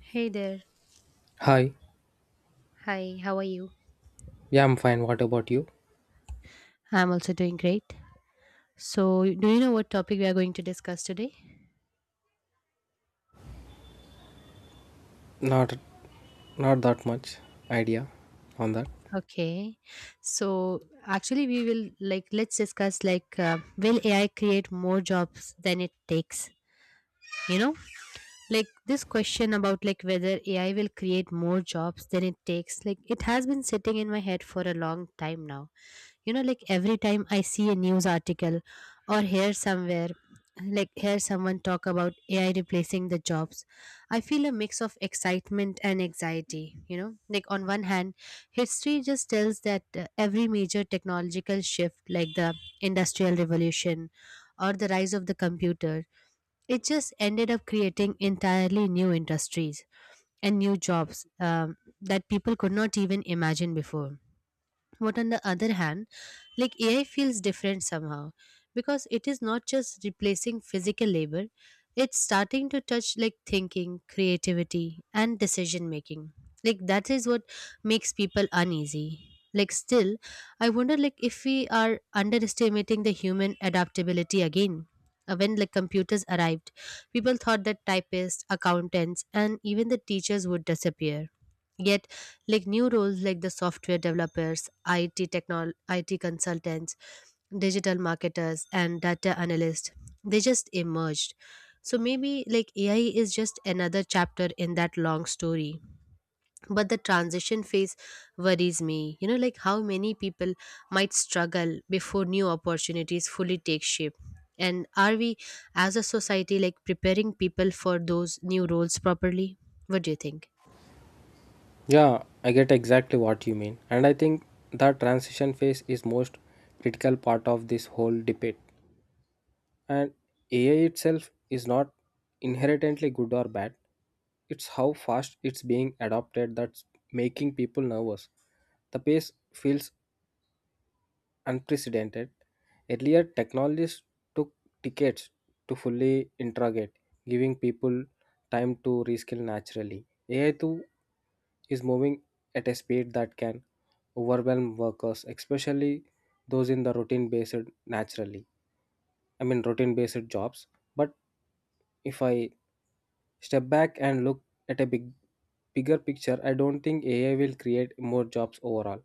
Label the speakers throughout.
Speaker 1: Hey there.
Speaker 2: Hi.
Speaker 1: Hi, how are you?
Speaker 2: Yeah, I'm fine. What about you?
Speaker 1: I'm also doing great. So, do you know what topic we are going to discuss today?
Speaker 2: Not not that much idea on that.
Speaker 1: Okay. So, actually, we will let's discuss will AI create more jobs than it takes? You know, like this question about like whether AI will create more jobs than it takes. Like it has been sitting in my head for a long time now, you know, like every time I see a news article or hear somewhere, like hear someone talk about AI replacing the jobs, I feel a mix of excitement and anxiety, you know, like on one hand, history just tells that every major technological shift like the industrial revolution or the rise of the computer, it just ended up creating entirely new industries and new jobs, that people could not even imagine before. But on the other hand, like AI feels different somehow because it is not just replacing physical labor, it's starting to touch like thinking, creativity, and decision making. Like that is what makes people uneasy. Like still, I wonder like if we are underestimating the human adaptability again. When like computers arrived, people thought that typists, accountants, and even the teachers would disappear. Yet, like new roles like the software developers, IT consultants, digital marketers, and data analysts, they just emerged. So maybe like AI is just another chapter in that long story. But the transition phase worries me. You know, like how many people might struggle before new opportunities fully take shape. And are we as a society like preparing people for those new roles properly? What do you think?
Speaker 2: Yeah, I get exactly what you mean. And I think that transition phase is most critical part of this whole debate. And AI itself is not inherently good or bad. It's how fast it's being adopted that's making people nervous. The pace feels unprecedented. Earlier, technologies took decades to fully interrogate, giving people time to reskill naturally. AI too is moving at a speed that can overwhelm workers, especially those in the routine based naturally. I mean routine based jobs. But if I step back and look at a bigger picture, I don't think AI will create more jobs overall.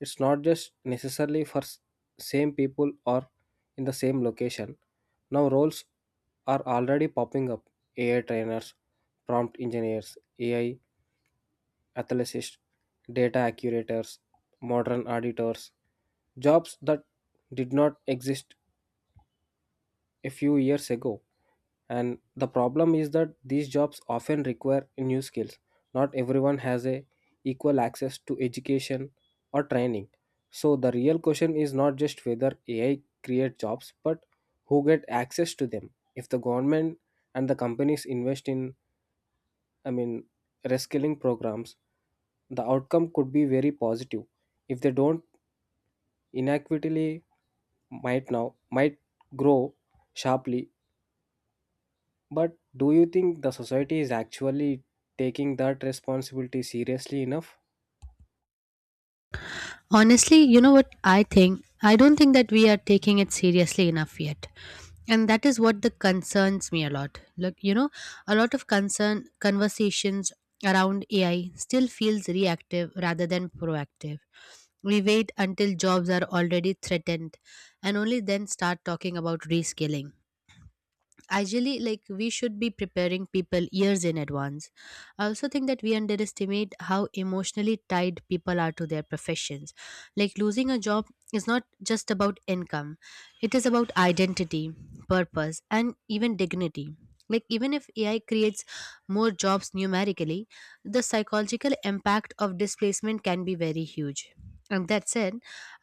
Speaker 2: It's not just necessarily for same people or in the same location. Now roles are already popping up. AI trainers, prompt engineers, AI athleticists, data curators, modern auditors, jobs that did not exist a few years ago. And the problem is that these jobs often require new skills. Not everyone has a equal access to education or training, so the real question is not just whether AI create jobs, but who get access to them. If the government and the companies invest in, I mean, reskilling programs, the outcome could be very positive. If they don't, inequitably might grow sharply. But do you think the society is actually taking that responsibility seriously enough?
Speaker 1: Honestly, you know what I think? I don't think that we are taking it seriously enough yet. And that is what the concerns me a lot. Look, you know, a lot of concern conversations around AI still feels reactive rather than proactive. We wait until jobs are already threatened and only then start talking about rescaling. Ideally, like we should be preparing people years in advance. I also think that we underestimate how emotionally tied people are to their professions. Like losing a job is not just about income, it is about identity, purpose, and even dignity. Like, even if AI creates more jobs numerically, the psychological impact of displacement can be very huge. And that said,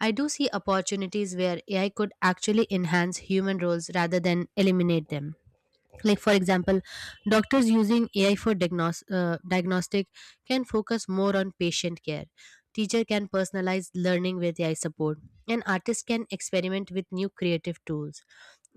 Speaker 1: I do see opportunities where AI could actually enhance human roles rather than eliminate them, like for example doctors using AI for diagnostic can focus more on patient care, teacher can personalize learning with AI support, and artists can experiment with new creative tools.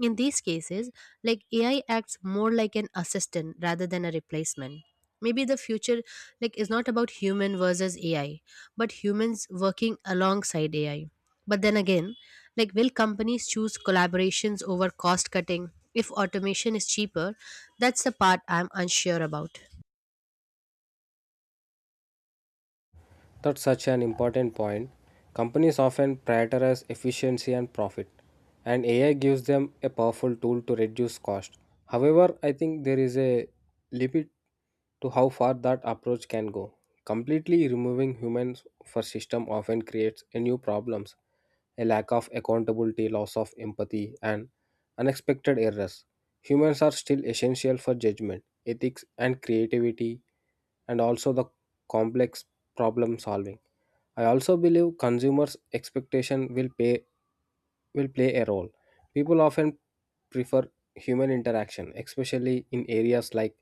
Speaker 1: In these cases, like AI acts more like an assistant rather than a replacement. Maybe the future like is not about human versus AI, but humans working alongside AI. But then again, like will companies choose collaborations over cost cutting if automation is cheaper? That's the part I'm unsure about.
Speaker 2: That's such an important point. Companies often prioritize efficiency and profit, and AI gives them a powerful tool to reduce cost. However, I think there is a limit to how far that approach can go. Completely removing humans for system often creates a new problems, a lack of accountability, loss of empathy, and unexpected errors. Humans are still essential for judgment, ethics, and creativity, and also the complex problem solving. I also believe consumers' expectation will play a role. People often prefer human interaction, especially in areas like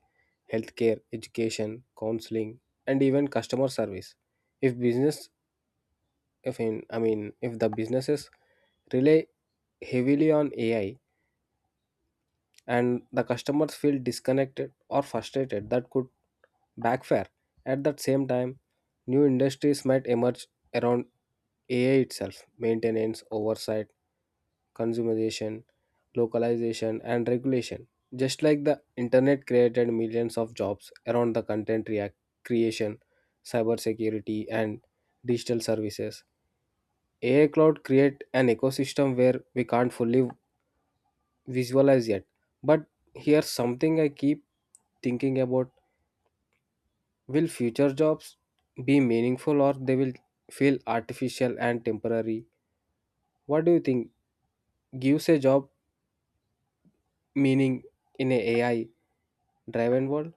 Speaker 2: healthcare, education, counseling, and even customer service. If business, if in, I mean, if the businesses rely heavily on AI and the customers feel disconnected or frustrated, that could backfire. At that same time, new industries might emerge around AI itself, maintenance, oversight, consumerization, localization, and regulation. Just like the internet created millions of jobs around the content creation, cybersecurity, and digital services, AI cloud create an ecosystem where we can't fully visualize yet. But here's something I keep thinking about. Will future jobs be meaningful, or they will feel artificial and temporary? What do you think gives a job meaning in a AI driven world?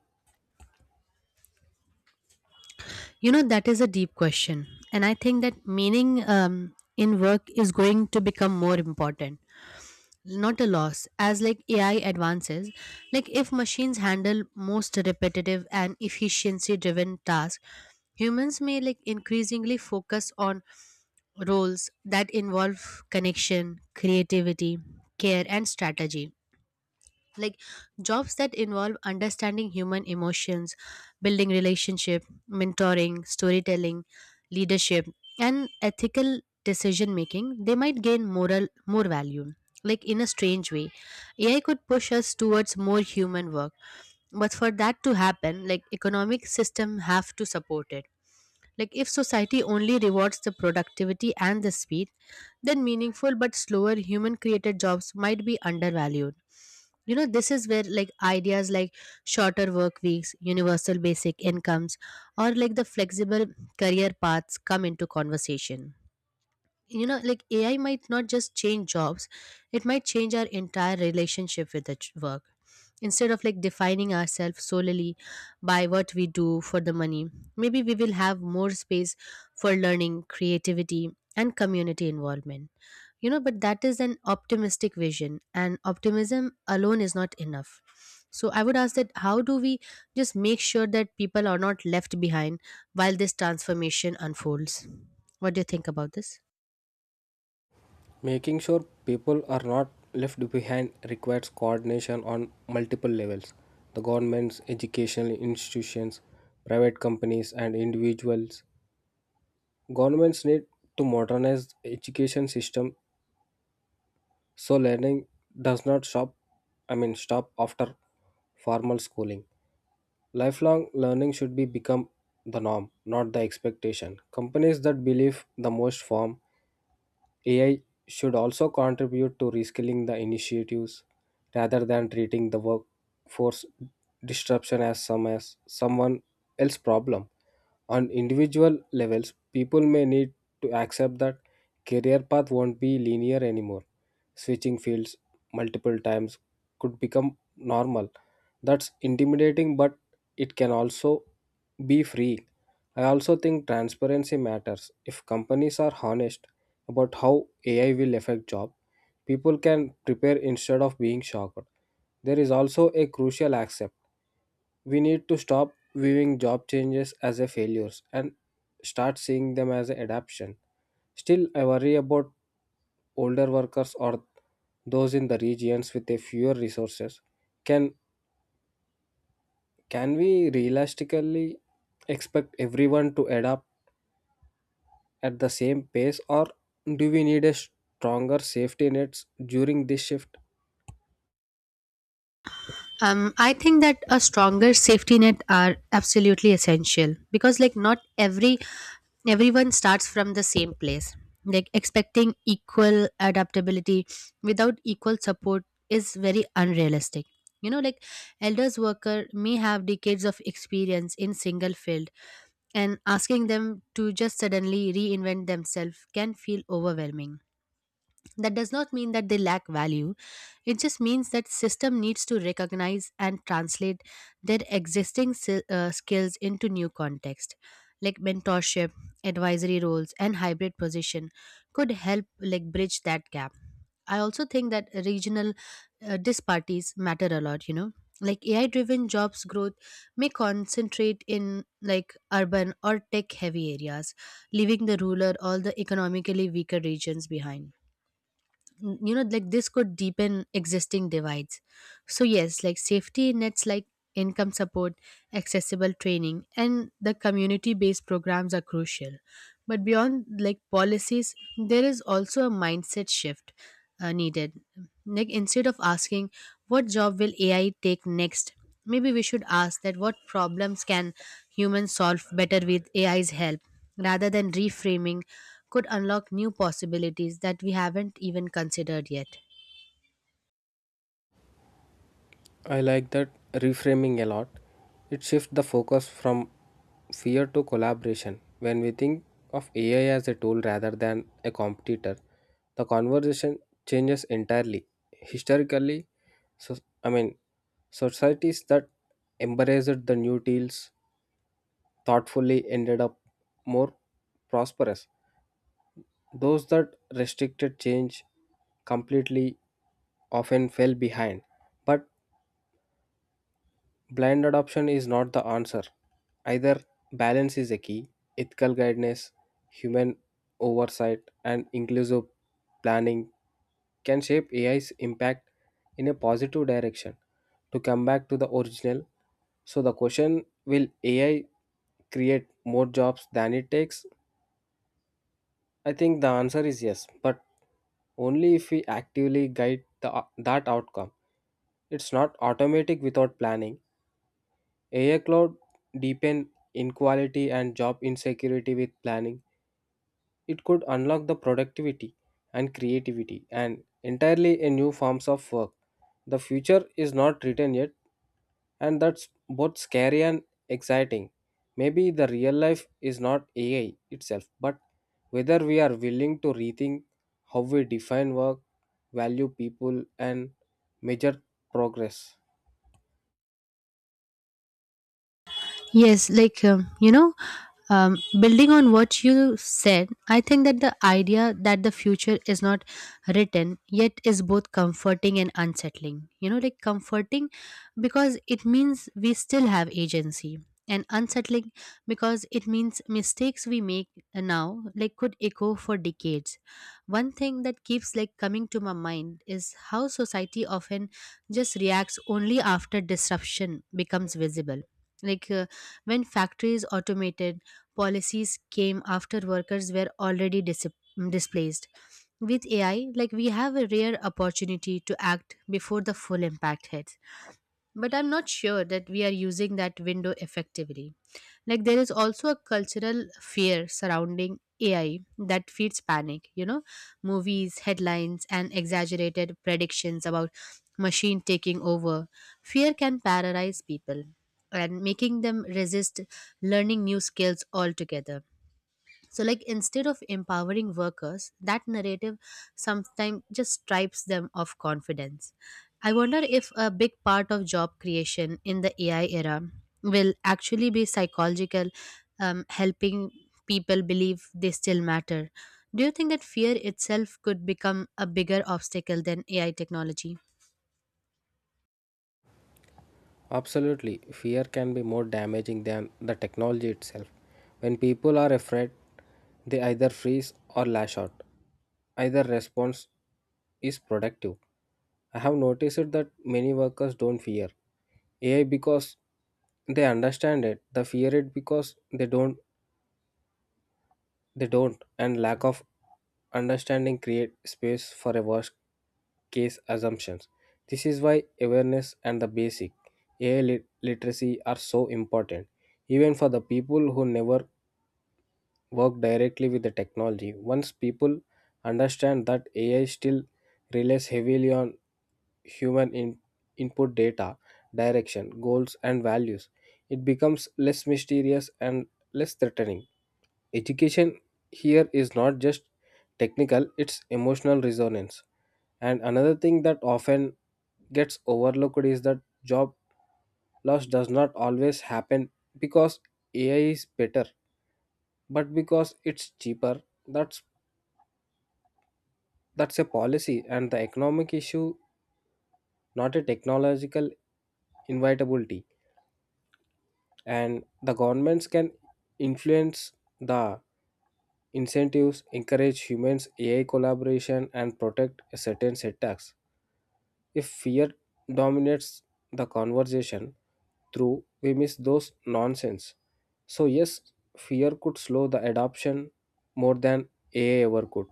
Speaker 1: You know, that is a deep question. And I think that meaning in work is going to become more important, not a loss, as like AI advances. Like if machines handle most repetitive and efficiency driven tasks, humans may like increasingly focus on roles that involve connection, creativity, care, and strategy. Like jobs that involve understanding human emotions, building relationship, mentoring, storytelling, leadership, and ethical decision making, they might gain moral more value. Like in a strange way, AI could push us towards more human work. But for that to happen, like economic system have to support it. Like, if society only rewards the productivity and the speed, then meaningful but slower human created jobs might be undervalued. You know, this is where like ideas like shorter work weeks, universal basic incomes, or like the flexible career paths come into conversation. You know, like AI might not just change jobs, it might change our entire relationship with work. Instead of like defining ourselves solely by what we do for the money, maybe we will have more space for learning, creativity, and community involvement. You know, but that is an optimistic vision and optimism alone is not enough. So I would ask that how do we just make sure that people are not left behind while this transformation unfolds? What do you think about this?
Speaker 2: Making sure people are not left behind requires coordination on multiple levels. The governments, educational institutions, private companies and individuals. Governments need to modernize education system. So learning does not stop, I mean, stop after formal schooling. Lifelong learning should be become the norm, not the expectation. Companies that believe the most form AI should also contribute to reskilling the initiatives rather than treating the workforce disruption as someone else problem. On individual levels, people may need to accept that career path won't be linear anymore. Switching fields multiple times could become normal. That's intimidating, but it can also be free. I also think transparency matters. If companies are honest about how AI will affect job, people can prepare instead of being shocked. There is also a crucial aspect. We need to stop viewing job changes as a failures and start seeing them as an adaptation. Still, I worry about older workers or those in the regions with a fewer resources. Can can we realistically expect everyone to adapt at the same pace, or do we need a stronger safety nets during this shift?
Speaker 1: I think that a stronger safety net are absolutely essential because like not every everyone starts from the same place. Like expecting equal adaptability without equal support is very unrealistic. You know, like elders worker may have decades of experience in single field and asking them to just suddenly reinvent themselves can feel overwhelming. That does not mean that they lack value, it just means that system needs to recognize and translate their existing skills into new context, like mentorship, advisory roles, and hybrid position could help like bridge that gap. I also think that regional disparities matter a lot. You know, like AI driven jobs growth may concentrate in like urban or tech heavy areas, leaving the rural or the economically weaker regions behind. You know, like this could deepen existing divides. So yes, like safety nets like income support, accessible training, and the community based programs are crucial. But beyond like policies, there is also a mindset shift needed. Like instead of asking what job will AI take next, maybe we should ask that what problems can humans solve better with AI's help. Rather than reframing could unlock new possibilities that we haven't even considered yet.
Speaker 2: I like that reframing a lot. It shifts the focus from fear to collaboration. When we think of AI as a tool rather than a competitor, the conversation changes entirely. Historically, so, I mean, societies that embraced the new deals thoughtfully ended up more prosperous. Those that restricted change completely often fell behind. But blind adoption is not the answer. Either balance is a key, ethical guidance, human oversight, and inclusive planning can shape AI's impact in a positive direction. To come back to the original, so the question, will AI create more jobs than it takes? I think the answer is yes, but only if we actively guide that outcome. It's not automatic. Without planning, AI cloud deepen inequality and job insecurity. With planning, it could unlock the productivity and creativity and entirely a new forms of work. The future is not written yet, and that's both scary and exciting. Maybe the real life is not AI itself, but whether we are willing to rethink how we define work, value people, and measure progress.
Speaker 1: Yes, like, building on what you said, I think that the idea that the future is not written yet is both comforting and unsettling. You know, like comforting because it means we still have agency, and unsettling because it means mistakes we make now like could echo for decades. One thing that keeps like coming to my mind is how society often just reacts only after disruption becomes visible, like when factories automated, policies came after workers were already displaced. With AI, like we have a rare opportunity to act before the full impact hits, but I'm not sure that we are using that window effectively. Like, there is also a cultural fear surrounding AI that feeds panic, you know, movies, headlines, and exaggerated predictions about machine taking over. Fear can paralyze people and making them resist learning new skills altogether. So like instead of empowering workers, that narrative sometimes just stripes them of confidence. I wonder if a big part of job creation in the AI era will actually be psychological, helping people believe they still matter. Do you think that fear itself could become a bigger obstacle than AI technology?
Speaker 2: Absolutely, fear can be more damaging than the technology itself. When people are afraid, they either freeze or lash out. Either response is productive. I have noticed that many workers don't fear AI because they understand it, they fear it because they don't. And lack of understanding create space for a worst case assumptions. This is why awareness and the basic AI literacy are so important. Even for the people who never work directly with the technology, once people understand that AI still relies heavily on human input data, direction, goals, and values, it becomes less mysterious and less threatening. Education here is not just technical, it's emotional resonance. And another thing that often gets overlooked is that job loss does not always happen because AI is better, but because it's cheaper. That's that's a policy and the economic issue, not a technological inevitability. And the governments can influence the incentives, encourage humans AI collaboration, and protect certain sectors. If fear dominates the conversation, through we miss those nonsense. So yes, fear could slow the adoption more than AI ever could.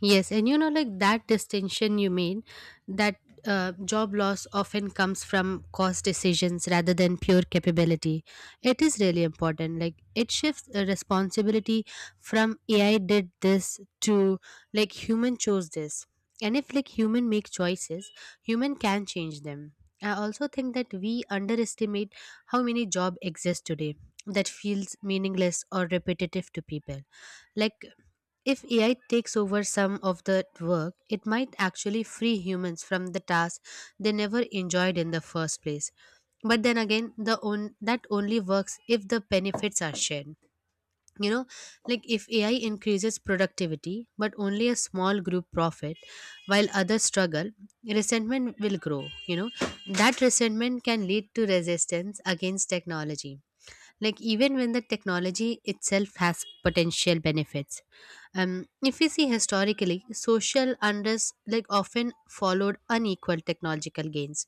Speaker 1: Yes, and you know, like that distinction you made, that job loss often comes from cost decisions rather than pure capability. It is really important. Like it shifts a responsibility from AI did this to like human chose this. And if like human make choices, human can change them. I also think that we underestimate how many job exist today that feels meaningless or repetitive to people. Like if AI takes over some of the work, it might actually free humans from the tasks they never enjoyed in the first place. But then again, that only works if the benefits are shared. You know, like if AI increases productivity, but only a small group profit, while others struggle, resentment will grow. You know, that resentment can lead to resistance against technology, like even when the technology itself has potential benefits. If we see historically, social unrest like often followed unequal technological gains.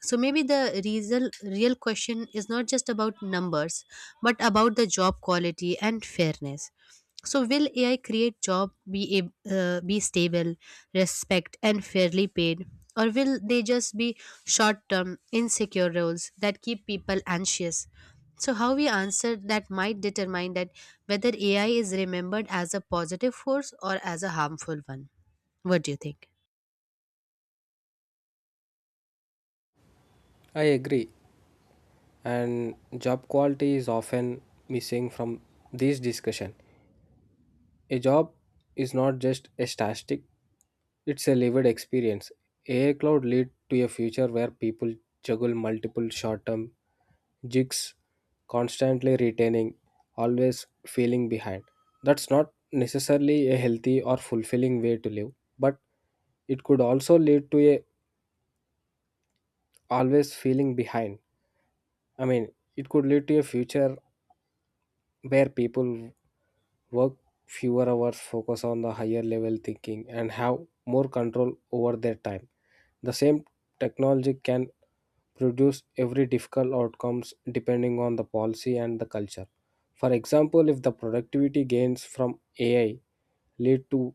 Speaker 1: So maybe the real question is not just about numbers but about the job quality and fairness. So will AI create job be ab- be stable, respect, and fairly paid? Or will they just be short term, insecure roles that keep people anxious? So, how we answer that might determine that whether AI is remembered as a positive force or as a harmful one. What do you think?
Speaker 2: I agree, and job quality is often missing from this discussion. A job is not just a statistic, it's a lived experience. AI cloud lead to a future where people juggle multiple short-term jigs, constantly retaining, always feeling behind. That's not necessarily a healthy or fulfilling way to live, but it could also lead to a always feeling behind. I mean, it could lead to a future where people work fewer hours, focus on the higher level thinking, and have more control over their time. The same technology can produce every difficult outcomes depending on the policy and the culture. For example, if the productivity gains from AI lead to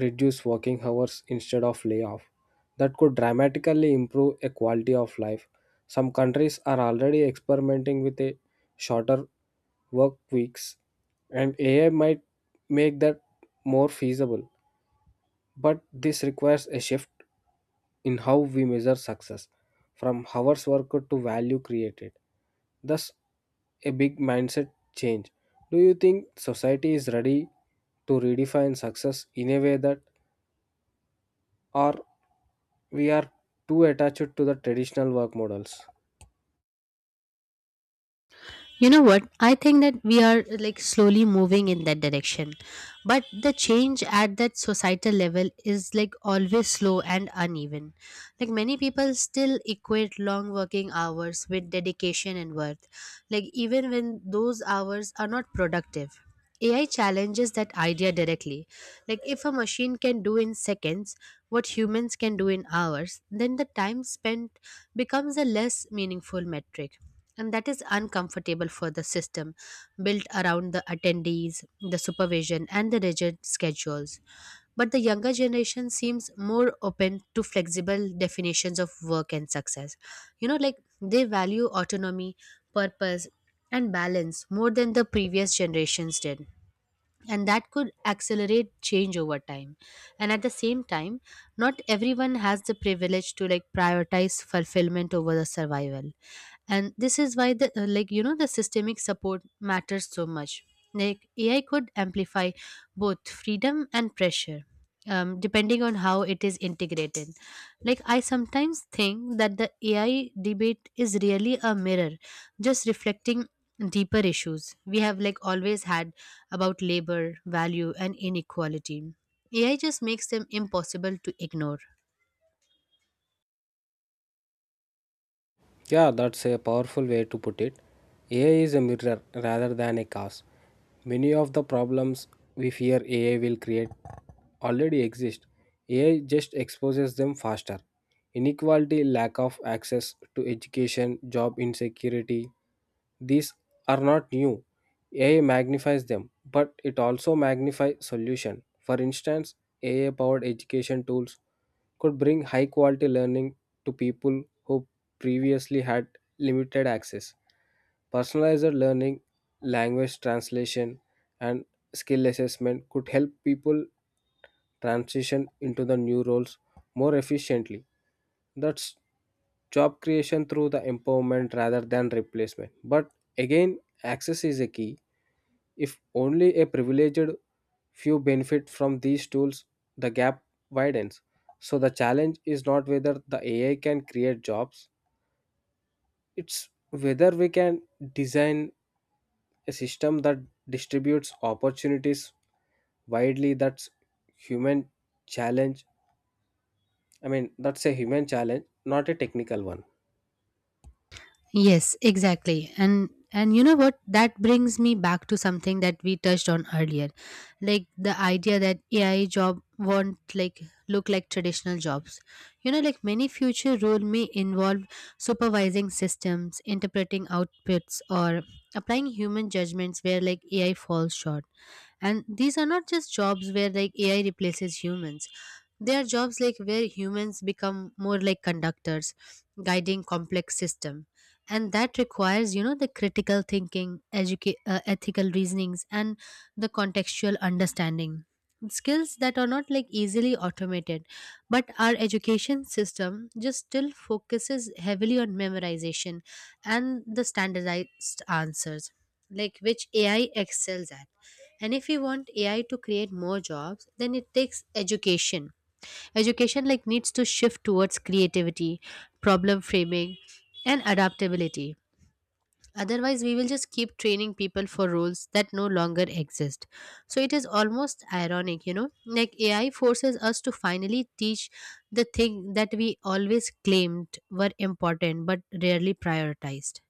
Speaker 2: reduced working hours instead of layoff, that could dramatically improve a quality of life. Some countries are already experimenting with a shorter work weeks, and AI might make that more feasible. But this requires a shift in how we measure success, from hours worked to value created. Thus, a big mindset change. Do you think society is ready to redefine success in a way that, or we are too attached to the traditional work models?
Speaker 1: You know what? I think that we are like slowly moving in that direction. But the change at that societal level is like always slow and uneven. Like many people still equate long working hours with dedication and worth, like even when those hours are not productive. AI challenges that idea directly. Like if a machine can do in seconds what humans can do in hours, then the time spent becomes a less meaningful metric, and that is uncomfortable for the system built around the attendees, the supervision, and the rigid schedules. But the younger generation seems more open to flexible definitions of work and success. You know, like they value autonomy, purpose, and balance more than the previous generations did. And that could accelerate change over time. And at the same time, not everyone has the privilege to like prioritize fulfillment over the survival. And this is why the like the systemic support matters so much, like AI could amplify both freedom and pressure, depending on how it is integrated. Like I sometimes think that the AI debate is really a mirror, just reflecting deeper issues we have like always had about labor value and inequality. AI just makes them impossible to ignore.
Speaker 2: Yeah, that's a powerful way to put it. AI is a mirror rather than a cause. Many of the problems we fear AI will create already exist. AI just exposes them faster. Inequality, lack of access to education, job insecurity, these are not new. AI magnifies them, but it also magnifies solution. For instance, AI powered education tools could bring high quality learning to people who previously had limited access. Personalized learning, language translation, and skill assessment could help people transition into the new roles more efficiently. That's job creation through the empowerment rather than replacement. But again, access is a key. If only a privileged few benefit from these tools, the gap widens. So the challenge is not whether the AI can create jobs, it's whether we can design a system that distributes opportunities widely. That's human challenge. I mean, that's a human challenge, not a technical one.
Speaker 1: Yes, exactly. And you know what? That brings me back to something that we touched on earlier. Like the idea that AI job won't like look like traditional jobs. You know, like many future role may involve supervising systems, interpreting outputs, or applying human judgments where like AI falls short. And these are not just jobs where like AI replaces humans. Their jobs like where humans become more like conductors, guiding complex system. And that requires, you know, the critical thinking, ethical reasonings, and the contextual understanding. Skills that are not like easily automated, but our education system just still focuses heavily on memorization and the standardized answers, like which AI excels at. And if we want AI to create more jobs, then it takes education. Education like needs to shift towards creativity, problem framing, and adaptability. Otherwise, we will just keep training people for roles that no longer exist. So it is almost ironic, you know, like AI forces us to finally teach the thing that we always claimed were important but rarely prioritized.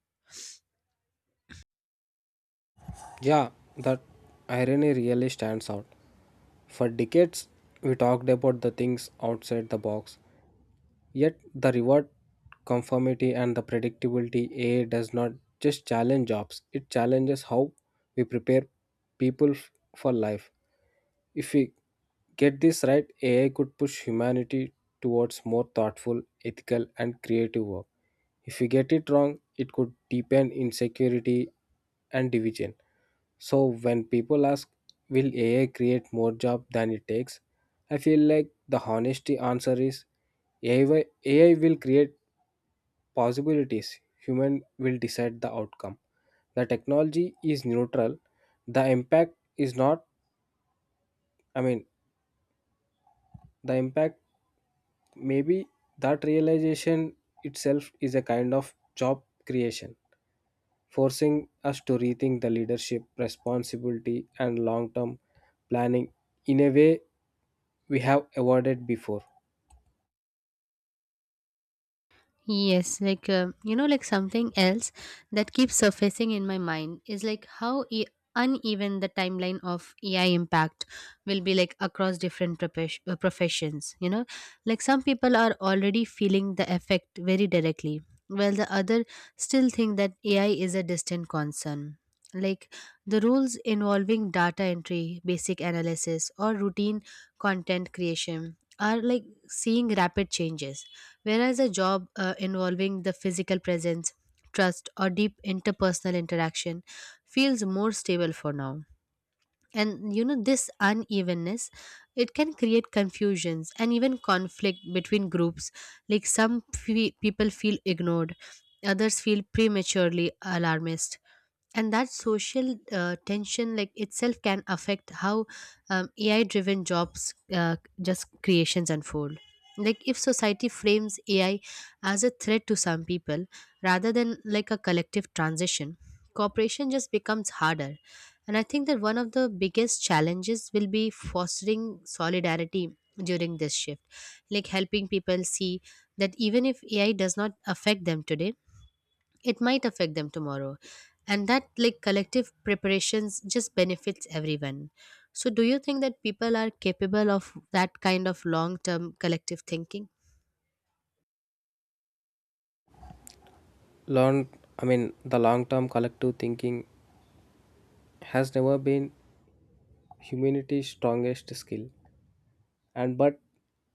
Speaker 2: Yeah, that irony really stands out. For decades, we talked about the things outside the box. Yet the reward conformity and the predictability, AI does not just challenge jobs, it challenges how we prepare people for life. If we get this right, AI could push humanity towards more thoughtful, ethical, and creative work. If we get it wrong, it could deepen insecurity and division. So when people ask, will AI create more job than it takes? I feel like the honesty answer is AI will create possibilities. Human will decide the outcome. The technology is neutral. The impact is not, I mean, the impact maybe that realization itself is a kind of job creation, forcing us to rethink the leadership, responsibility, and long term planning in a way we have avoided before.
Speaker 1: Yes, like you know, like something else that keeps surfacing in my mind is like how uneven the timeline of AI impact will be, like across different professions. You know, like some people are already feeling the effect very directly, while the other still think that AI is a distant concern. Like the rules involving data entry, basic analysis, or routine content creation are like seeing rapid changes. Whereas a job involving the physical presence, trust, or deep interpersonal interaction feels more stable for now. And you know, this unevenness, it can create confusions and even conflict between groups. Like some people feel ignored, others feel prematurely alarmist, and that social tension like itself can affect how AI driven jobs just creations unfold. Like if society frames AI as a threat to some people rather than like a collective transition, cooperation just becomes harder. And I think that one of the biggest challenges will be fostering solidarity during this shift, like helping people see that even if AI does not affect them today, it might affect them tomorrow, and that like collective preparations just benefits everyone. So do you think that people are capable of that kind of long term collective thinking?
Speaker 2: Long, I mean, the long-term collective thinking has never been humanity's strongest skill, and but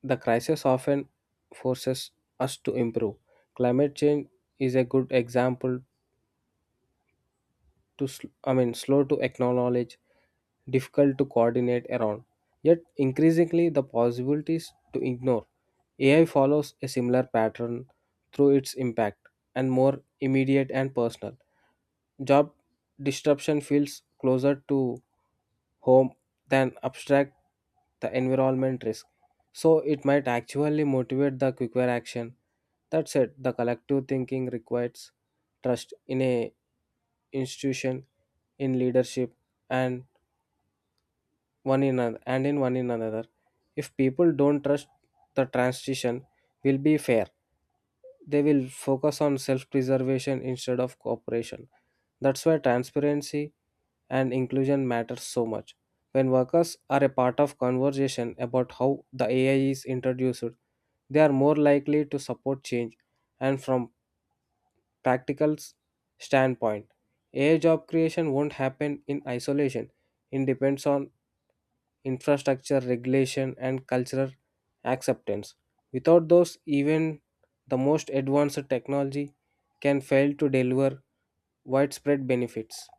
Speaker 2: the crisis often forces us to improve. Climate change is a good example to, I mean, slow to acknowledge, difficult to coordinate around, yet increasingly the possibilities to ignore. AI follows a similar pattern through its impact and more immediate and personal. Job disruption feels closer to home than abstract the environment risk. So it might actually motivate the quicker action. That said, the collective thinking requires trust in a institution, in leadership, and one in and in one in another. If people don't trust, the transition will be fair, they will focus on self preservation instead of cooperation. That's why transparency and inclusion matters so much. When workers are a part of conversation about how the AI is introduced, they are more likely to support change. And from practical standpoint, AI job creation won't happen in isolation. It depends on infrastructure regulation, and cultural acceptance. Without those, even the most advanced technology can fail to deliver widespread benefits.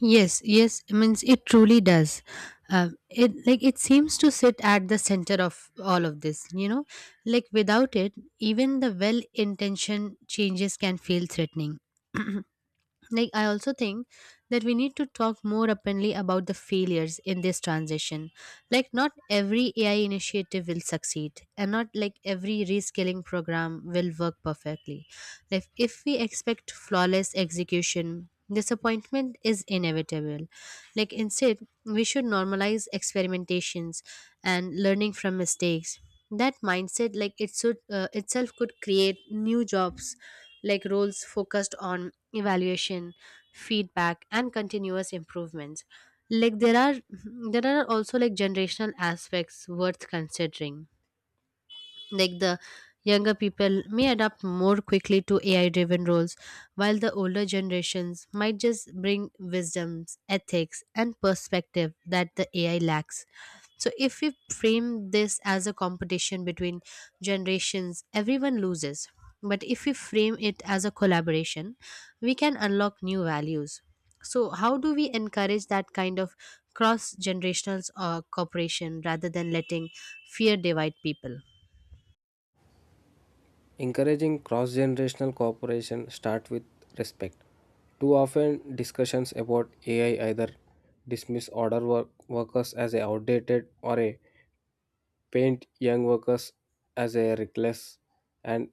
Speaker 1: Yes yes, I means it truly does. It like it seems to sit at the center of all of this, you know, like without it even the well intentioned changes can feel threatening. Like I also think that we need to talk more openly about the failures in this transition. Like not every AI initiative will succeed, and not like every reskilling program will work perfectly. Like if we expect flawless execution, disappointment is inevitable. Like instead we should normalize experimentations and learning from mistakes. That mindset like it should itself could create new jobs, like roles focused on evaluation, feedback, and continuous improvements. Like there are also like generational aspects worth considering, like the younger people may adapt more quickly to AI driven roles, while the older generations might just bring wisdoms ethics and perspective that the AI lacks. So if we frame this as a competition between generations, everyone loses. But if we frame it as a collaboration, we can unlock new values. So how do we encourage that kind of cross generational cooperation rather than letting fear divide people?
Speaker 2: Encouraging cross generational cooperation start with respect. Too often, discussions about AI either dismiss older workers as outdated or a paint young workers as a reckless and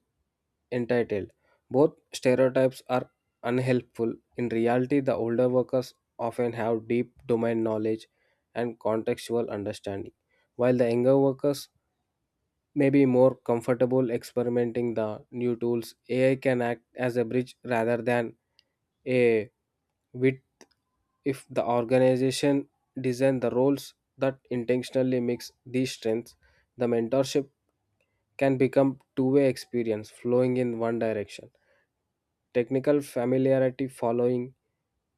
Speaker 2: entitled. Both stereotypes are unhelpful. In reality, the older workers often have deep domain knowledge and contextual understanding, while the younger workers maybe more comfortable experimenting the new tools. AI can act as a bridge rather than a width. If the organization design the roles that intentionally mix these strengths, the mentorship can become two-way experience, flowing in one direction technical familiarity, following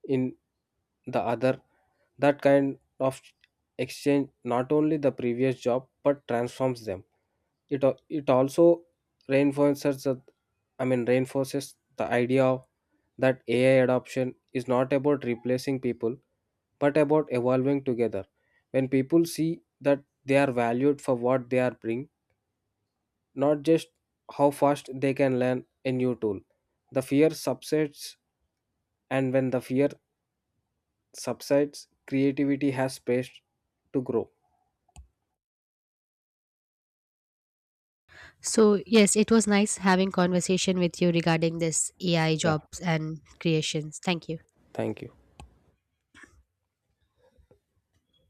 Speaker 2: in the other. That kind of exchange not only the previous job, but transforms them. It also reinforces I mean reinforces the idea of that AI adoption is not about replacing people, but about evolving together. When people see that they are valued for what they are bring, not just how fast they can learn a new tool, the fear subsides. And when the fear subsides, creativity has space to grow.
Speaker 1: So, yes, it was nice having conversation with you regarding this AI
Speaker 2: Yeah,
Speaker 1: jobs and creations. Thank you.
Speaker 2: thank you.